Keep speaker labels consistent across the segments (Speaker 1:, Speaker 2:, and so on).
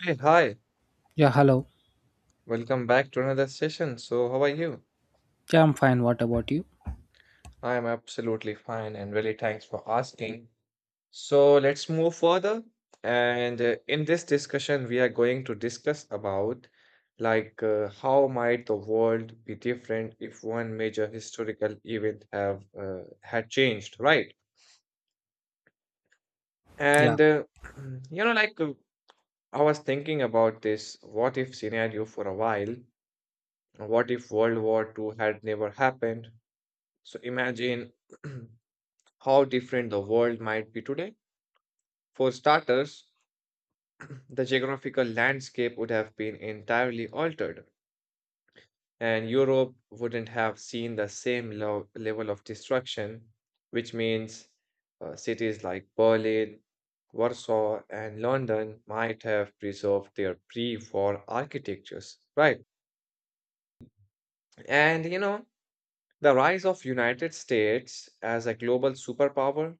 Speaker 1: Hey, hi.
Speaker 2: Yeah, hello.
Speaker 1: Welcome back to another session. So, how are you?
Speaker 2: Yeah, I'm fine. What about you?
Speaker 1: I am absolutely fine and really thanks for asking. So, let's move further. And in this discussion, we are going to discuss about how might the world be different if one major historical event have had changed, right?
Speaker 2: Yeah.
Speaker 1: And you know, I was thinking about this what if scenario for a while. What if World War Two had never happened? So imagine how different the world might be today. For starters, the geographical landscape would have been entirely altered, and Europe wouldn't have seen the same level of destruction, which means cities like Berlin, Warsaw, and London might have preserved their pre-war architectures, right? And you know, the rise of United States as a global superpower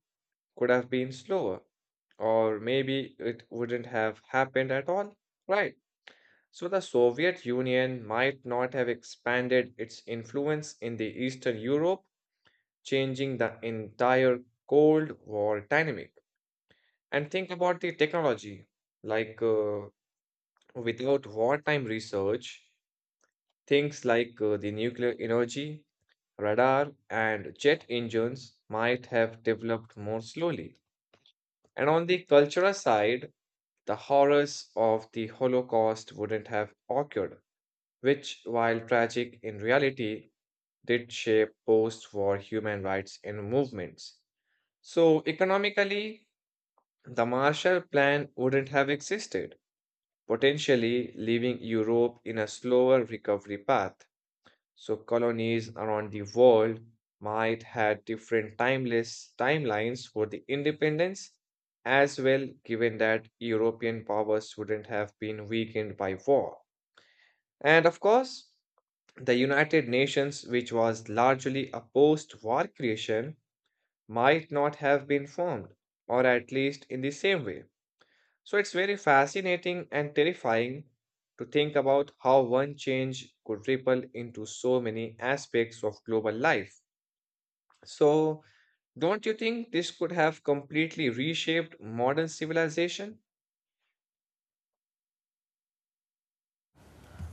Speaker 1: could have been slower, or maybe it wouldn't have happened at all, right? So the Soviet Union might not have expanded its influence in the Eastern Europe, changing the entire Cold War dynamic. And think about the technology, like uh, without wartime research, things like the nuclear energy, radar, and jet engines might have developed more slowly. And on the cultural side, the horrors of the Holocaust wouldn't have occurred, which, while tragic in reality, did shape post war human rights and movements. So, economically, the Marshall Plan wouldn't have existed, potentially leaving Europe in a slower recovery path. So colonies around the world might had different timeless timelines for the independence as well, given that European powers wouldn't have been weakened by war. And of course, the United Nations, which was largely a post war creation, might not have been formed, or at least in the same way. So it's very fascinating and terrifying to think about how one change could ripple into so many aspects of global life. So, don't you think this could have completely reshaped modern civilization?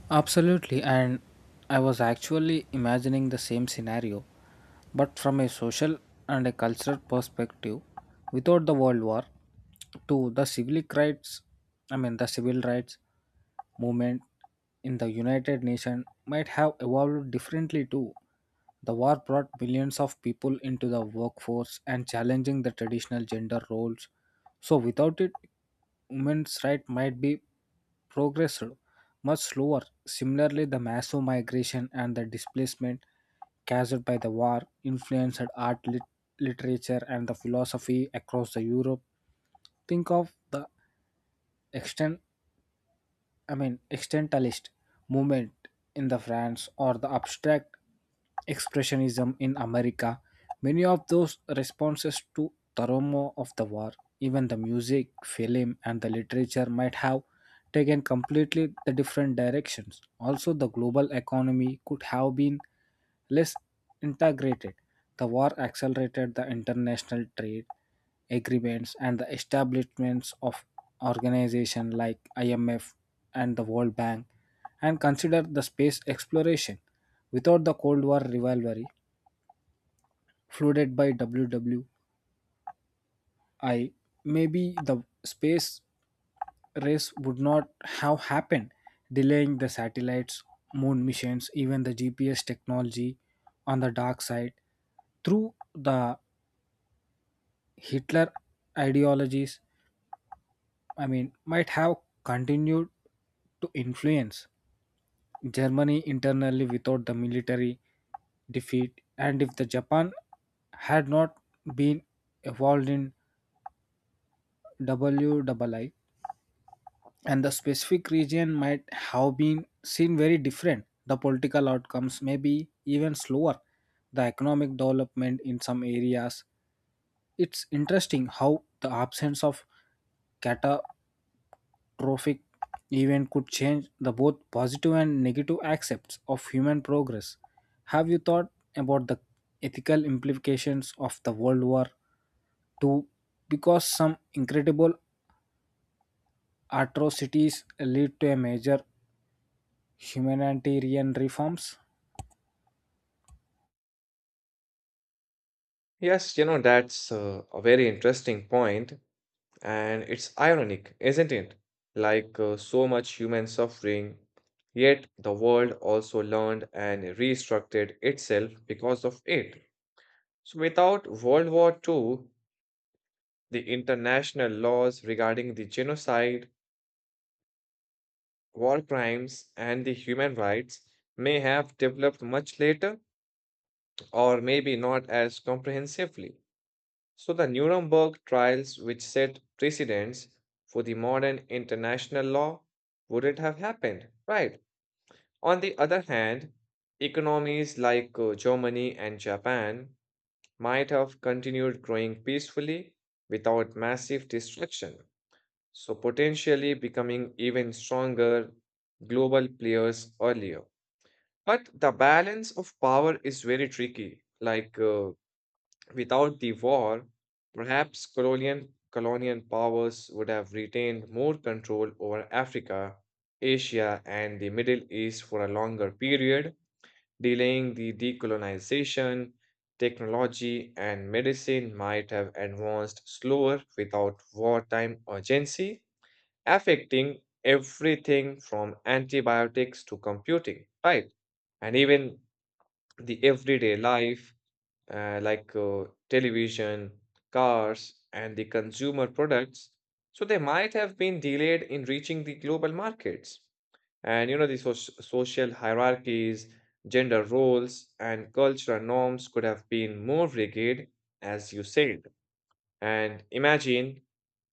Speaker 2: Absolutely, and I was actually imagining the same scenario, but from a social and a cultural perspective, without the World War to the civil rights, I mean the civil rights movement in the United Nations might have evolved differently too. The war brought millions of people into the workforce and challenging the traditional gender roles. So without it, women's right might be progressed much slower. Similarly, the massive migration and the displacement caused by the war influenced art, literature, and the philosophy across the Europe. Think of the extent existentialist movement in the France or the abstract expressionism in America, many of those responses to the trauma of the war, even the music, film, and the literature might have taken completely the different directions. Also, the global economy could have been less integrated. The war accelerated the international trade agreements and the establishments of organizations like IMF and the World Bank, and consider the space exploration. Without the Cold War rivalry flooded by WWI, maybe the space race would not have happened, delaying the satellites, moon missions, even the GPS technology. On the dark side, through the Hitler ideologies, I mean, might have continued to influence Germany internally without the military defeat. And if the Japan had not been involved in WII, and the specific region might have been seen very different. The political outcomes may be even slower. The economic development in some areas. It's interesting how the absence of cata- trophic event could change the both positive and negative aspects of human progress. Have you thought about the ethical implications of the World War Two? Because some incredible atrocities lead to a major humanitarian reforms.
Speaker 1: Yes, you know, that's a very interesting point, and it's ironic, isn't it? So much human suffering, yet the world also learned and restructured itself because of it. So, without World War Two, the international laws regarding the genocide, war crimes, and the human rights may have developed much later or maybe not as comprehensively. So, the Nuremberg trials, which set precedents for the modern international law, wouldn't have happened, right? On the other hand, economies like Germany and Japan might have continued growing peacefully without massive destruction, so potentially becoming even stronger global players earlier. But the balance of power is very tricky. Without the war, perhaps colonial powers would have retained more control over Africa, Asia, and the Middle East for a longer period, delaying the decolonization. Technology and medicine might have advanced slower without wartime urgency, affecting everything from antibiotics to computing, right? And even the everyday life, television, cars, and the consumer products. So they might have been delayed in reaching the global markets. And you know, the social hierarchies, gender roles, and cultural norms could have been more rigid, as you said. And imagine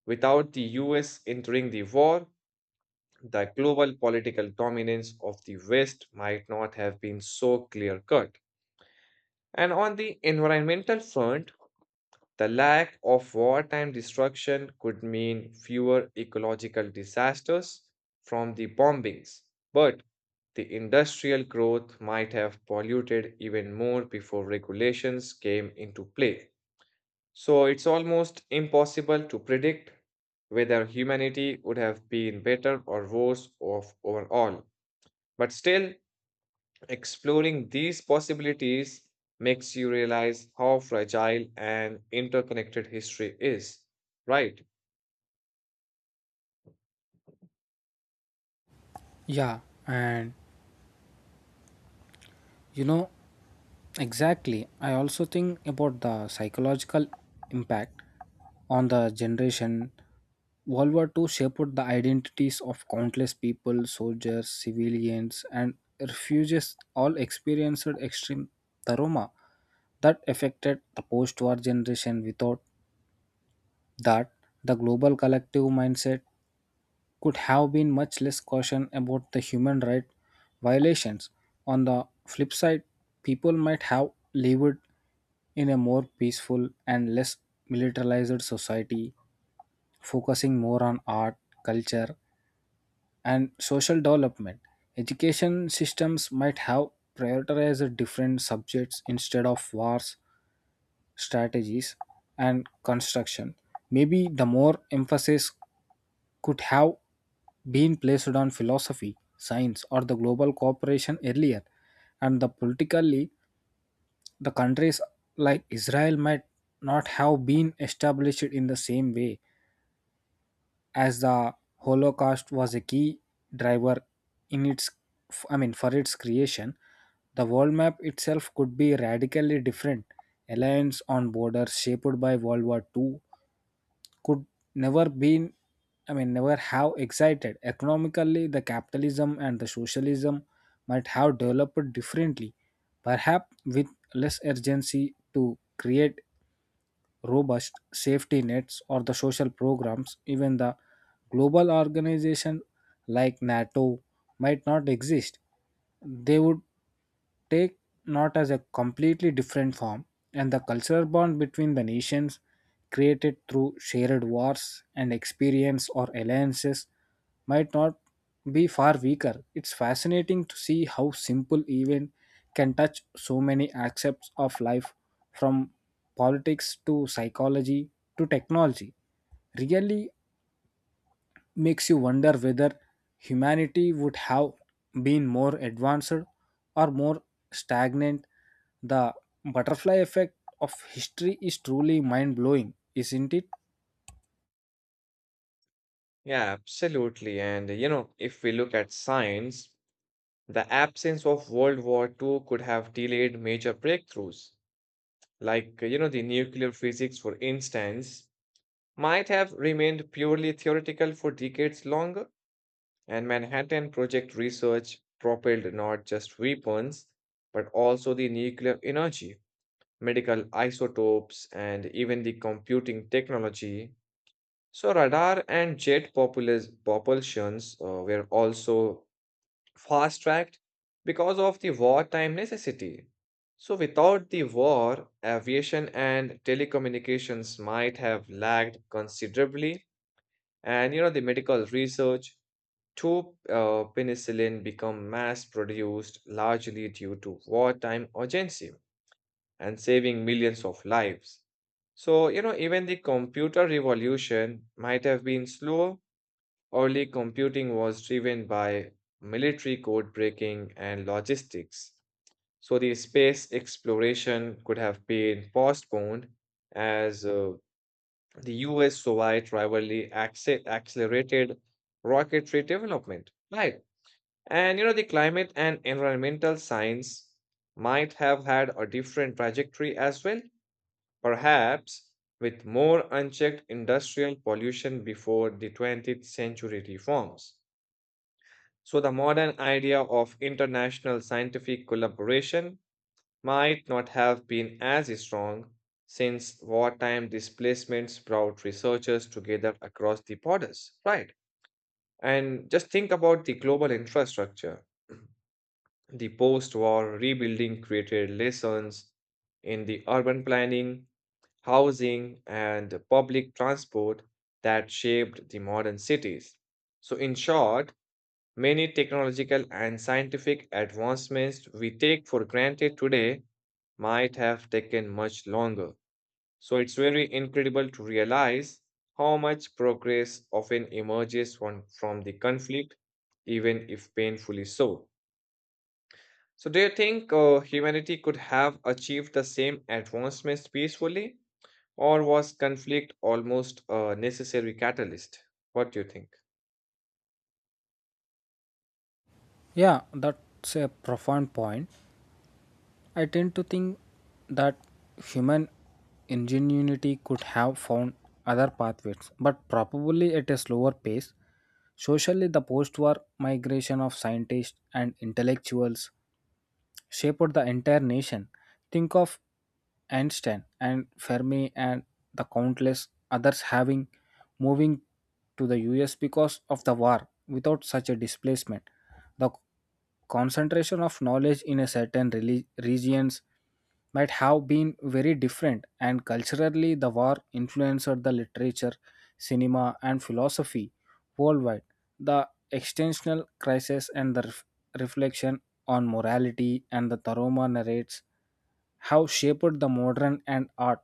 Speaker 1: without the US entering the war, the global political dominance of the West might not have been so clear cut. And on the environmental front, the lack of wartime destruction could mean fewer ecological disasters from the bombings, but the industrial growth might have polluted even more before regulations came into play. So it's almost impossible to predict whether humanity would have been better or worse off overall. But still, exploring these possibilities makes you realize how fragile and interconnected history is, right?
Speaker 2: Yeah, and you know, exactly. I also think about the psychological impact on the generation. World War Two shaped the identities of countless people, soldiers, civilians, and refugees, all experienced extreme trauma that affected the post war generation. Without that, the global collective mindset could have been much less caution about the human right violations. On the flip side, people might have lived in a more peaceful and less militarized society, focusing more on art, culture, and social development. Education systems might have prioritized different subjects instead of wars, strategies, and construction. Maybe the more emphasis could have been placed on philosophy, science, or the global cooperation earlier, and the politically, the countries like Israel might not have been established in the same way, as the Holocaust was a key driver in its, I mean, for its creation. The world map itself could be radically different. Alliance on borders shaped by World War Two could never been I mean never have excited. Economically, the capitalism and the socialism might have developed differently, perhaps with less urgency to create robust safety nets or the social programs. Even the global organization like NATO might not exist. They would take not as a completely different form, and the cultural bond between the nations created through shared wars and experience or alliances might not be far weaker. It's fascinating to see how simple event can touch so many aspects of life, from politics to psychology to technology. Really makes you wonder whether humanity would have been more advanced or more stagnant. The butterfly effect of history is truly mind blowing, isn't it?
Speaker 1: Yeah, absolutely. And you know, if we look at science, the absence of World War Two could have delayed major breakthroughs, like you know, the nuclear physics, for instance, might have remained purely theoretical for decades longer. And Manhattan Project research propelled not just weapons, but also the nuclear energy, medical isotopes, and even the computing technology. So, radar and jet propulsions were also fast tracked because of the wartime necessity. So, without the war, aviation and telecommunications might have lagged considerably, and you know, the medical research Two penicillin become mass produced largely due to wartime urgency and saving millions of lives. So, you know, even the computer revolution might have been slow. Early computing was driven by military code breaking and logistics. So, the space exploration could have been postponed as the US Soviet rivalry accelerated rocketry development. Right. And you know, the climate and environmental science might have had a different trajectory as well, perhaps with more unchecked industrial pollution before the 20th century reforms. So, the modern idea of international scientific collaboration might not have been as strong since wartime displacements brought researchers together across the borders, right? And just think about the global infrastructure. The post war rebuilding created lessons in the urban planning, housing, and public transport that shaped the modern cities. So, in short, many technological and scientific advancements we take for granted today might have taken much longer. So, it's very incredible to realize how much progress often emerges from the conflict, even if painfully so. So, do you think humanity could have achieved the same advancements peacefully, or was conflict almost a necessary catalyst? What do you think?
Speaker 2: Yeah, that's a profound point. I tend to think that human ingenuity could have found other pathways, but probably at a slower pace. Socially, the post war migration of scientists and intellectuals shaped the entire nation. Think of Einstein and Fermi and the countless others having moving to the US because of the war. Without such a displacement, the concentration of knowledge in a certain regions might have been very different. And culturally, the war influenced the literature, cinema, and philosophy worldwide, the existential crisis and the reflection on morality, and the Taroma narrates how shaped the modern and art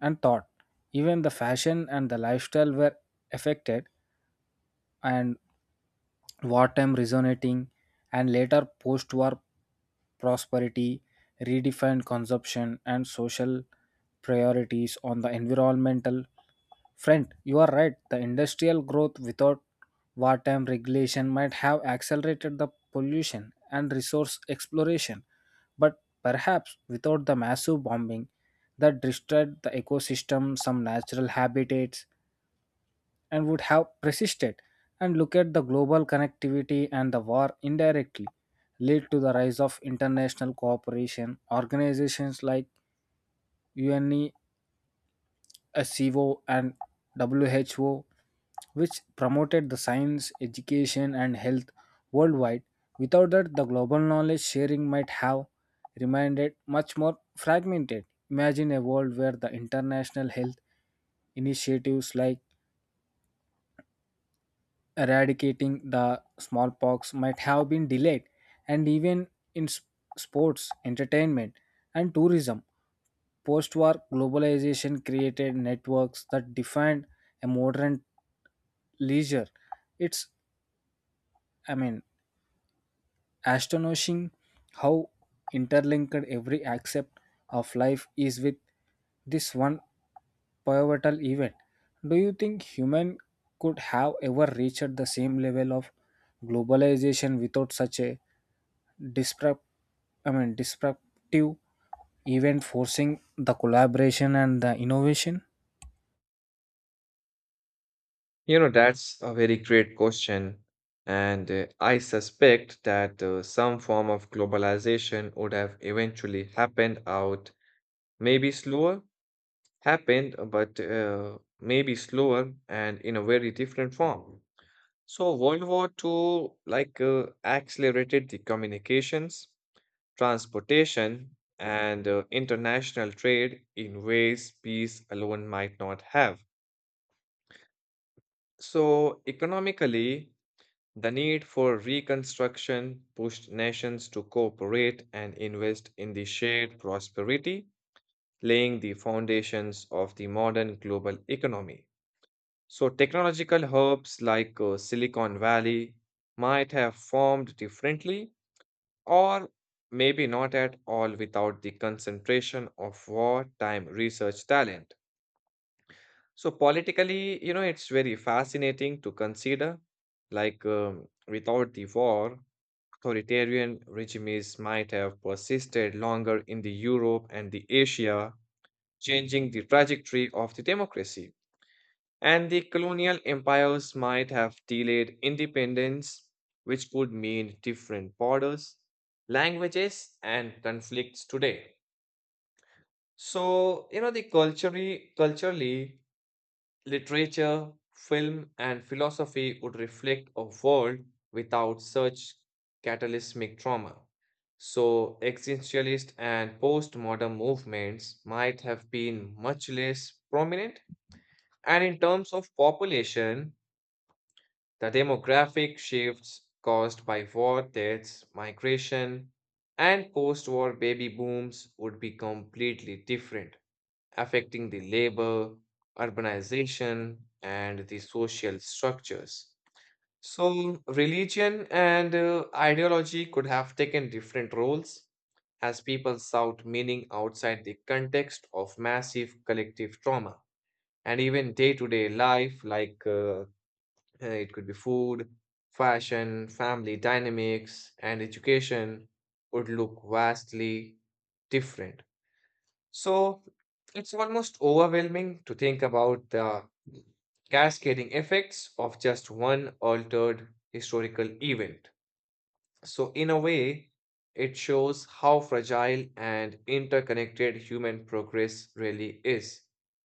Speaker 2: and thought. Even the fashion and the lifestyle were affected, and wartime resonating and later post-war prosperity redefined consumption and social priorities. On the environmental front, you are right, the industrial growth without wartime regulation might have accelerated the pollution and resource exploration, but perhaps without the massive bombing that destroyed the ecosystem, some natural habitats and would have persisted. And look at the global connectivity, and the war indirectly led to the rise of international cooperation. Organizations like UNESCO and WHO, which promoted the science, education, and health worldwide. Without that, the global knowledge sharing might have remained much more fragmented. Imagine a world where the international health initiatives like eradicating the smallpox might have been delayed, and even in sports, entertainment, and tourism, post war globalization created networks that defined a modern leisure. It's, I mean, astonishing how interlinked every aspect of life is with this one pivotal event. Do you think human could have ever reached the same level of globalization without such a disrupt disruptive event forcing the collaboration and the innovation?
Speaker 1: You know, that's a very great question. And I suspect that some form of globalization would have eventually happened out, maybe slower, happened, but maybe slower and in a very different form. So, World War Two accelerated the communications transportation, and international trade in ways peace alone might not have. So, economically, the need for reconstruction pushed nations to cooperate and invest in the shared prosperity, laying the foundations of the modern global economy. So, technological hubs like Silicon Valley might have formed differently or maybe not at all without the concentration of wartime research talent. So, politically, you know, it's very fascinating to consider. Without the war, authoritarian regimes might have persisted longer in the Europe and the Asia, changing the trajectory of the democracy. And the colonial empires might have delayed independence, which could mean different borders, languages, and conflicts today. So, you know, the culturally, literature, film, and philosophy would reflect a world without such cataclysmic trauma. So, existentialist and postmodern movements might have been much less prominent. And in terms of population, the demographic shifts caused by war deaths, migration, and post war baby booms would be completely different, affecting the labor, urbanization, and the social structures. So, religion and ideology could have taken different roles as people sought meaning outside the context of massive collective trauma. And even day to day life, it could be food, fashion, family dynamics, and education would look vastly different. So it's almost overwhelming to think about the cascading effects of just one altered historical event. So, in a way, it shows how fragile and interconnected human progress really is,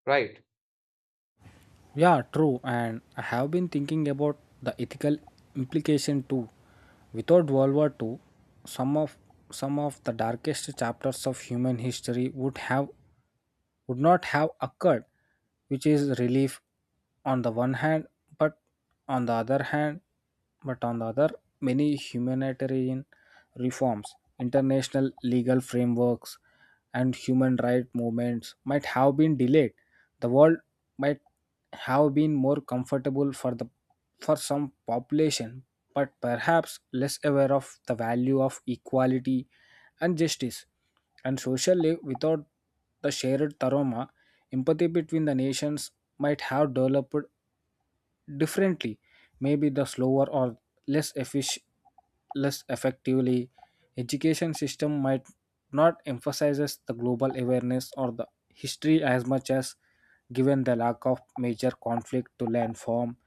Speaker 1: right?
Speaker 2: Yeah, true. And I have been thinking about the ethical implication too. Without World War Two, some of some of the darkest chapters of human history would not have occurred, which is relief on the one hand, but on the other hand, but on the other, many humanitarian reforms, international legal frameworks, and human rights movements might have been delayed. The world might have been more comfortable for the for some population, but perhaps less aware of the value of equality and justice. And socially, without the shared trauma, empathy between the nations might have developed differently, maybe the slower or less efficient, less effectively. Education system might not emphasizes the global awareness or the history as much as, given the lack of major conflict to learn from.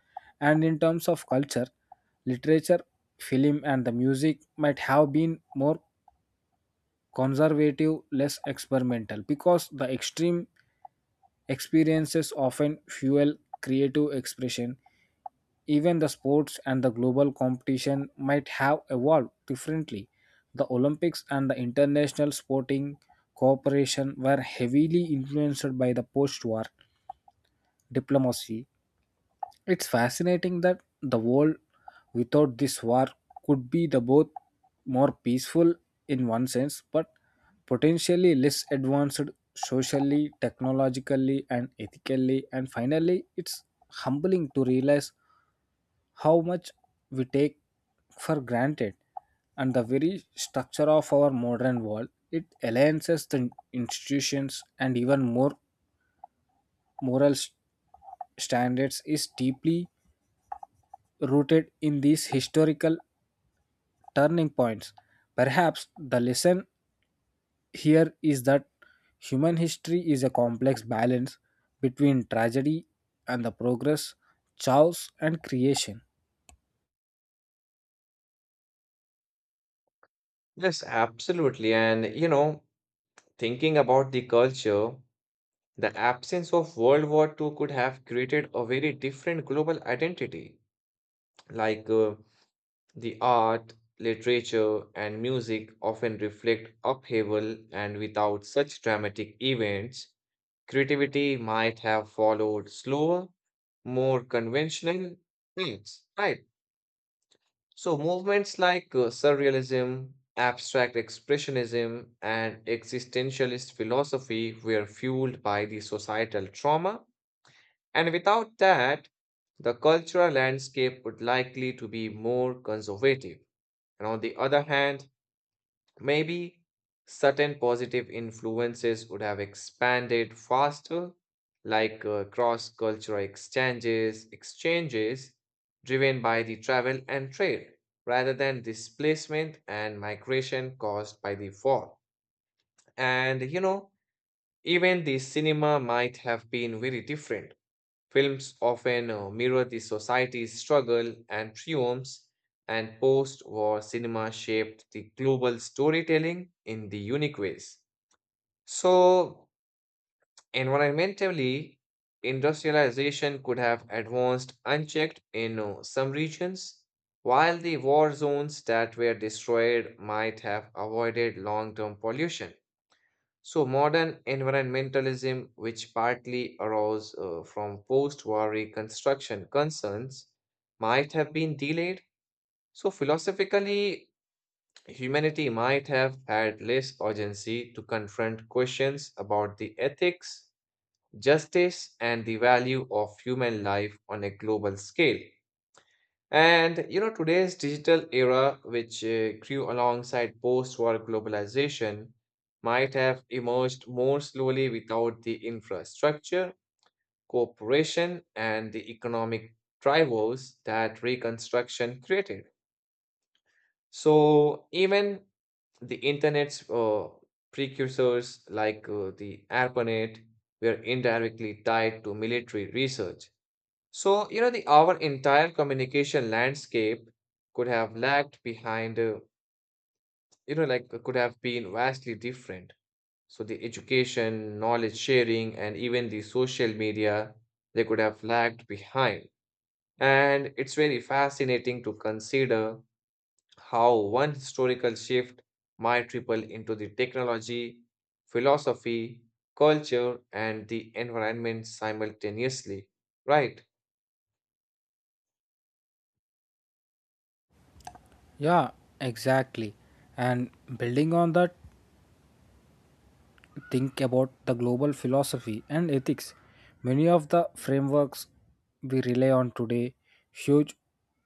Speaker 2: And in terms of culture, literature, film, and the music might have been more conservative, less experimental, because the extreme experiences often fuel creative expression. Even the sports and the global competition might have evolved differently. The Olympics and the international sporting cooperation were heavily influenced by the post war diplomacy. It's fascinating that the world without this war could be the both more peaceful in one sense but potentially less advanced socially, technologically, and ethically. And finally, it's humbling to realize how much we take for granted, and the very structure of our modern world, it alliances the institutions and even more moral s- standards is deeply rooted in these historical turning points. Perhaps the lesson here is that human history is a complex balance between tragedy and the progress, chaos and creation.
Speaker 1: Yes, absolutely. And you know, thinking about the culture, the absence of World War Two could have created a very different global identity, like the art, literature, and music often reflect upheaval, and without such dramatic events, creativity might have followed slower, more conventional paths, right? So, movements like surrealism, abstract expressionism, and existentialist philosophy were fueled by the societal trauma. And without that, the cultural landscape would likely to be more conservative. And on the other hand, maybe certain positive influences would have expanded faster, like cross-cultural exchanges driven by the travel and trade, rather than displacement and migration caused by the war. And you know, even the cinema might have been very different. Films often mirror the society's struggle and triumphs, and post war cinema shaped the global storytelling in the unique ways. So, environmentally, industrialization could have advanced unchecked in some regions, while the war zones that were destroyed might have avoided long term pollution. So, modern environmentalism, which partly arose from post war reconstruction concerns, might have been delayed. So, philosophically, humanity might have had less urgency to confront questions about the ethics, justice, and the value of human life on a global scale. And you know, today's digital era, which grew alongside post-war globalization, might have emerged more slowly without the infrastructure, cooperation, and the economic drivers that reconstruction created. So even the internet's precursors, like the ARPANET, were indirectly tied to military research, so, you know, the our entire communication landscape could have lagged behind, could have been vastly different. So, the education, knowledge sharing, and even the social media, they could have lagged behind. And it's very fascinating to consider how one historical shift might ripple into the technology, philosophy, culture, and the environment simultaneously, right?
Speaker 2: Yeah, exactly. And building on that, think about the global philosophy and ethics, many of the frameworks we rely on today, huge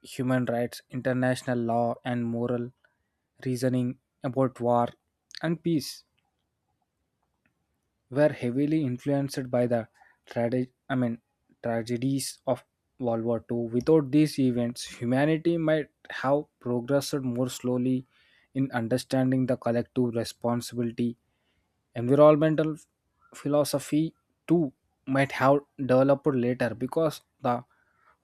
Speaker 2: human rights, international law, and moral reasoning about war and peace, were heavily influenced by the trage- I mean, tragedies of World War II. Without these events, humanity might have progressed more slowly in understanding the collective responsibility. Environmental philosophy, too, might have developed later because the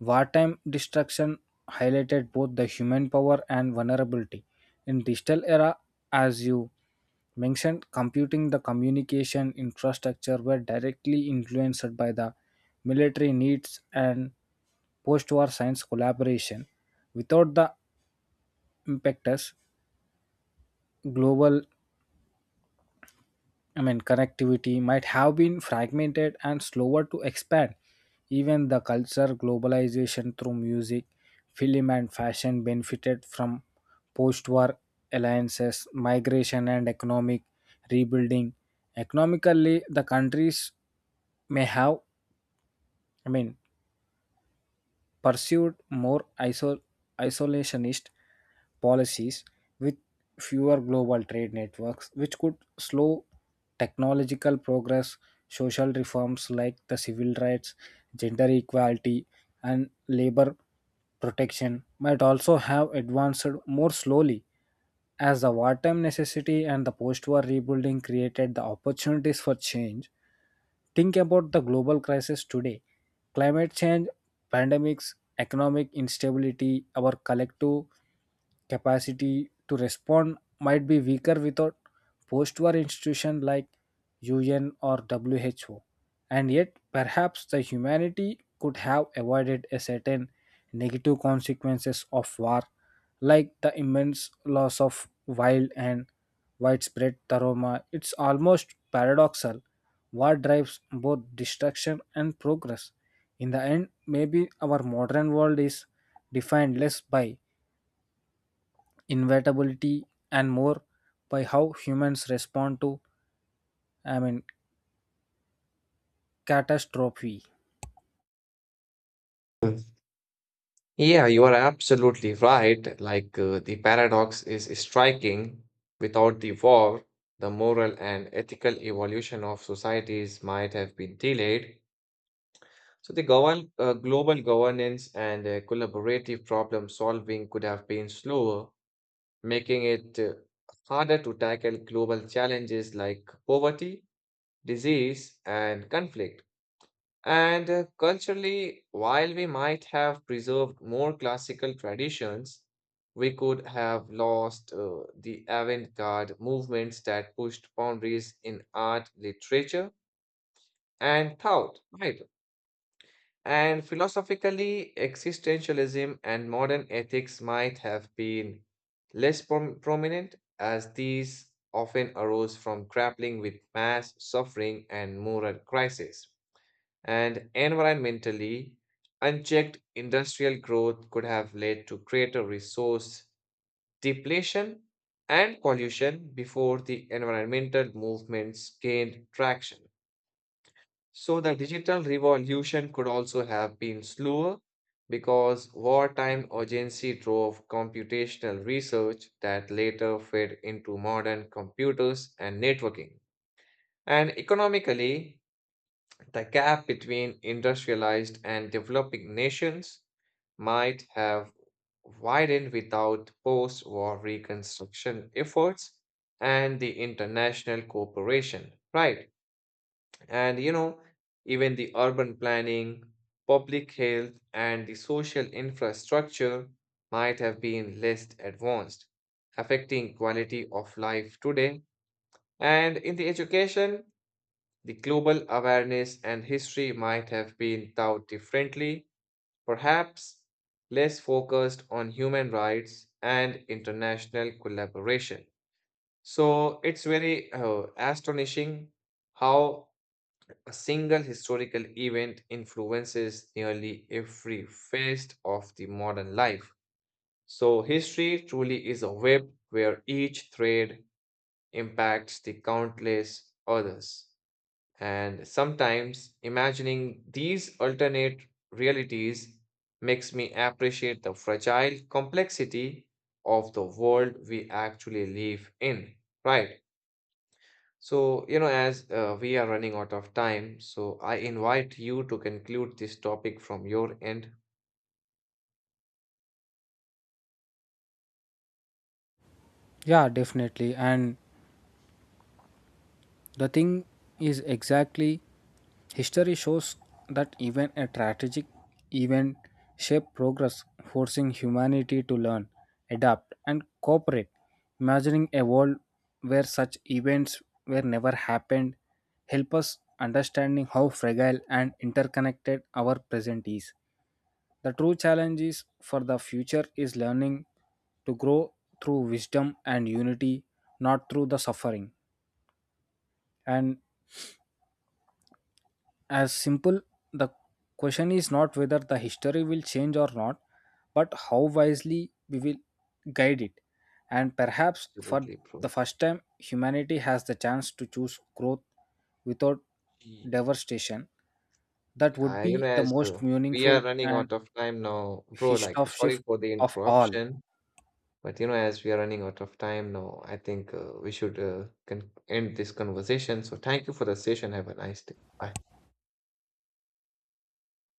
Speaker 2: wartime destruction highlighted both the human power and vulnerability. In digital era, as you mentioned, computing the communication infrastructure were directly influenced by the military needs and post-war science collaboration. Without the impetus, global connectivity might have been fragmented and slower to expand. Even the culture globalization through music, film, and fashion benefited from post war alliances, migration, and economic rebuilding. Economically, the countries may have, I mean, pursued more isolationist policies with fewer global trade networks, which could slow technological progress. Social reforms like the civil rights, gender equality, and labor protection might also have advanced more slowly, as the wartime necessity and the post-war rebuilding created the opportunities for change. Think about the global crisis today, climate change, pandemics, economic instability, our collective capacity to respond might be weaker without post-war institutions like UN or WHO. And yet, perhaps the humanity could have avoided a certain negative consequences of war, like the immense loss of wild and widespread trauma. It's almost paradoxal. War drives both destruction and progress. In the end, maybe our modern world is defined less by inevitability and more by how humans respond to, I mean, catastrophe.
Speaker 1: Yeah, you are absolutely right. The paradox is striking. Without the war, the moral and ethical evolution of societies might have been delayed. So the govern global governance and collaborative problem solving could have been slower, making it harder to tackle global challenges like poverty, disease, and conflict. And culturally, while we might have preserved more classical traditions, we could have lost the avant-garde movements that pushed boundaries in art, literature, and thought, right? And philosophically, existentialism and modern ethics might have been less prominent, as these often arose from grappling with mass suffering and moral crisis, and environmentally, unchecked industrial growth could have led to greater resource depletion and pollution before the environmental movements gained traction. So, the digital revolution could also have been slower because wartime urgency drove computational research that later fed into modern computers and networking. And economically, the gap between industrialized and developing nations might have widened without post war reconstruction efforts and the international cooperation, right? And you know, even the urban planning, public health, and the social infrastructure might have been less advanced, affecting quality of life today. And in the education, the global awareness and history might have been thought differently, perhaps less focused on human rights and international collaboration. So it's very astonishing how a single historical event influences nearly every phase of the modern life. So history truly is a web where each thread impacts the countless others. And sometimes imagining these alternate realities makes me appreciate the fragile complexity of the world we actually live in, right? So, you know, as we are running out of time, so I invite you to conclude this topic from your end.
Speaker 2: Yeah, definitely. And the thing is, exactly, history shows that even a strategic event shaped progress, forcing humanity to learn, adapt, and cooperate. Imagining a world where such events were never happened help us understanding how fragile and interconnected our present is. The true challenge is for the future is learning to grow through wisdom and unity, not through the suffering. And as simple, the question is not whether the history will change or not, but how wisely we will guide it, and perhaps for
Speaker 1: Absolutely, bro.
Speaker 2: the first time humanity has the chance to choose growth without
Speaker 1: Ye-
Speaker 2: devastation. That would
Speaker 1: I, you know,
Speaker 2: be the
Speaker 1: as
Speaker 2: most
Speaker 1: we
Speaker 2: meaningful
Speaker 1: are running
Speaker 2: and
Speaker 1: out of time now, bro,
Speaker 2: history
Speaker 1: like,
Speaker 2: of
Speaker 1: sorry
Speaker 2: shift
Speaker 1: for the
Speaker 2: of all.
Speaker 1: interruption. But you know, as we are running out of time now, I think we should con end this conversation. So thank you for the session. Have a nice day. Bye.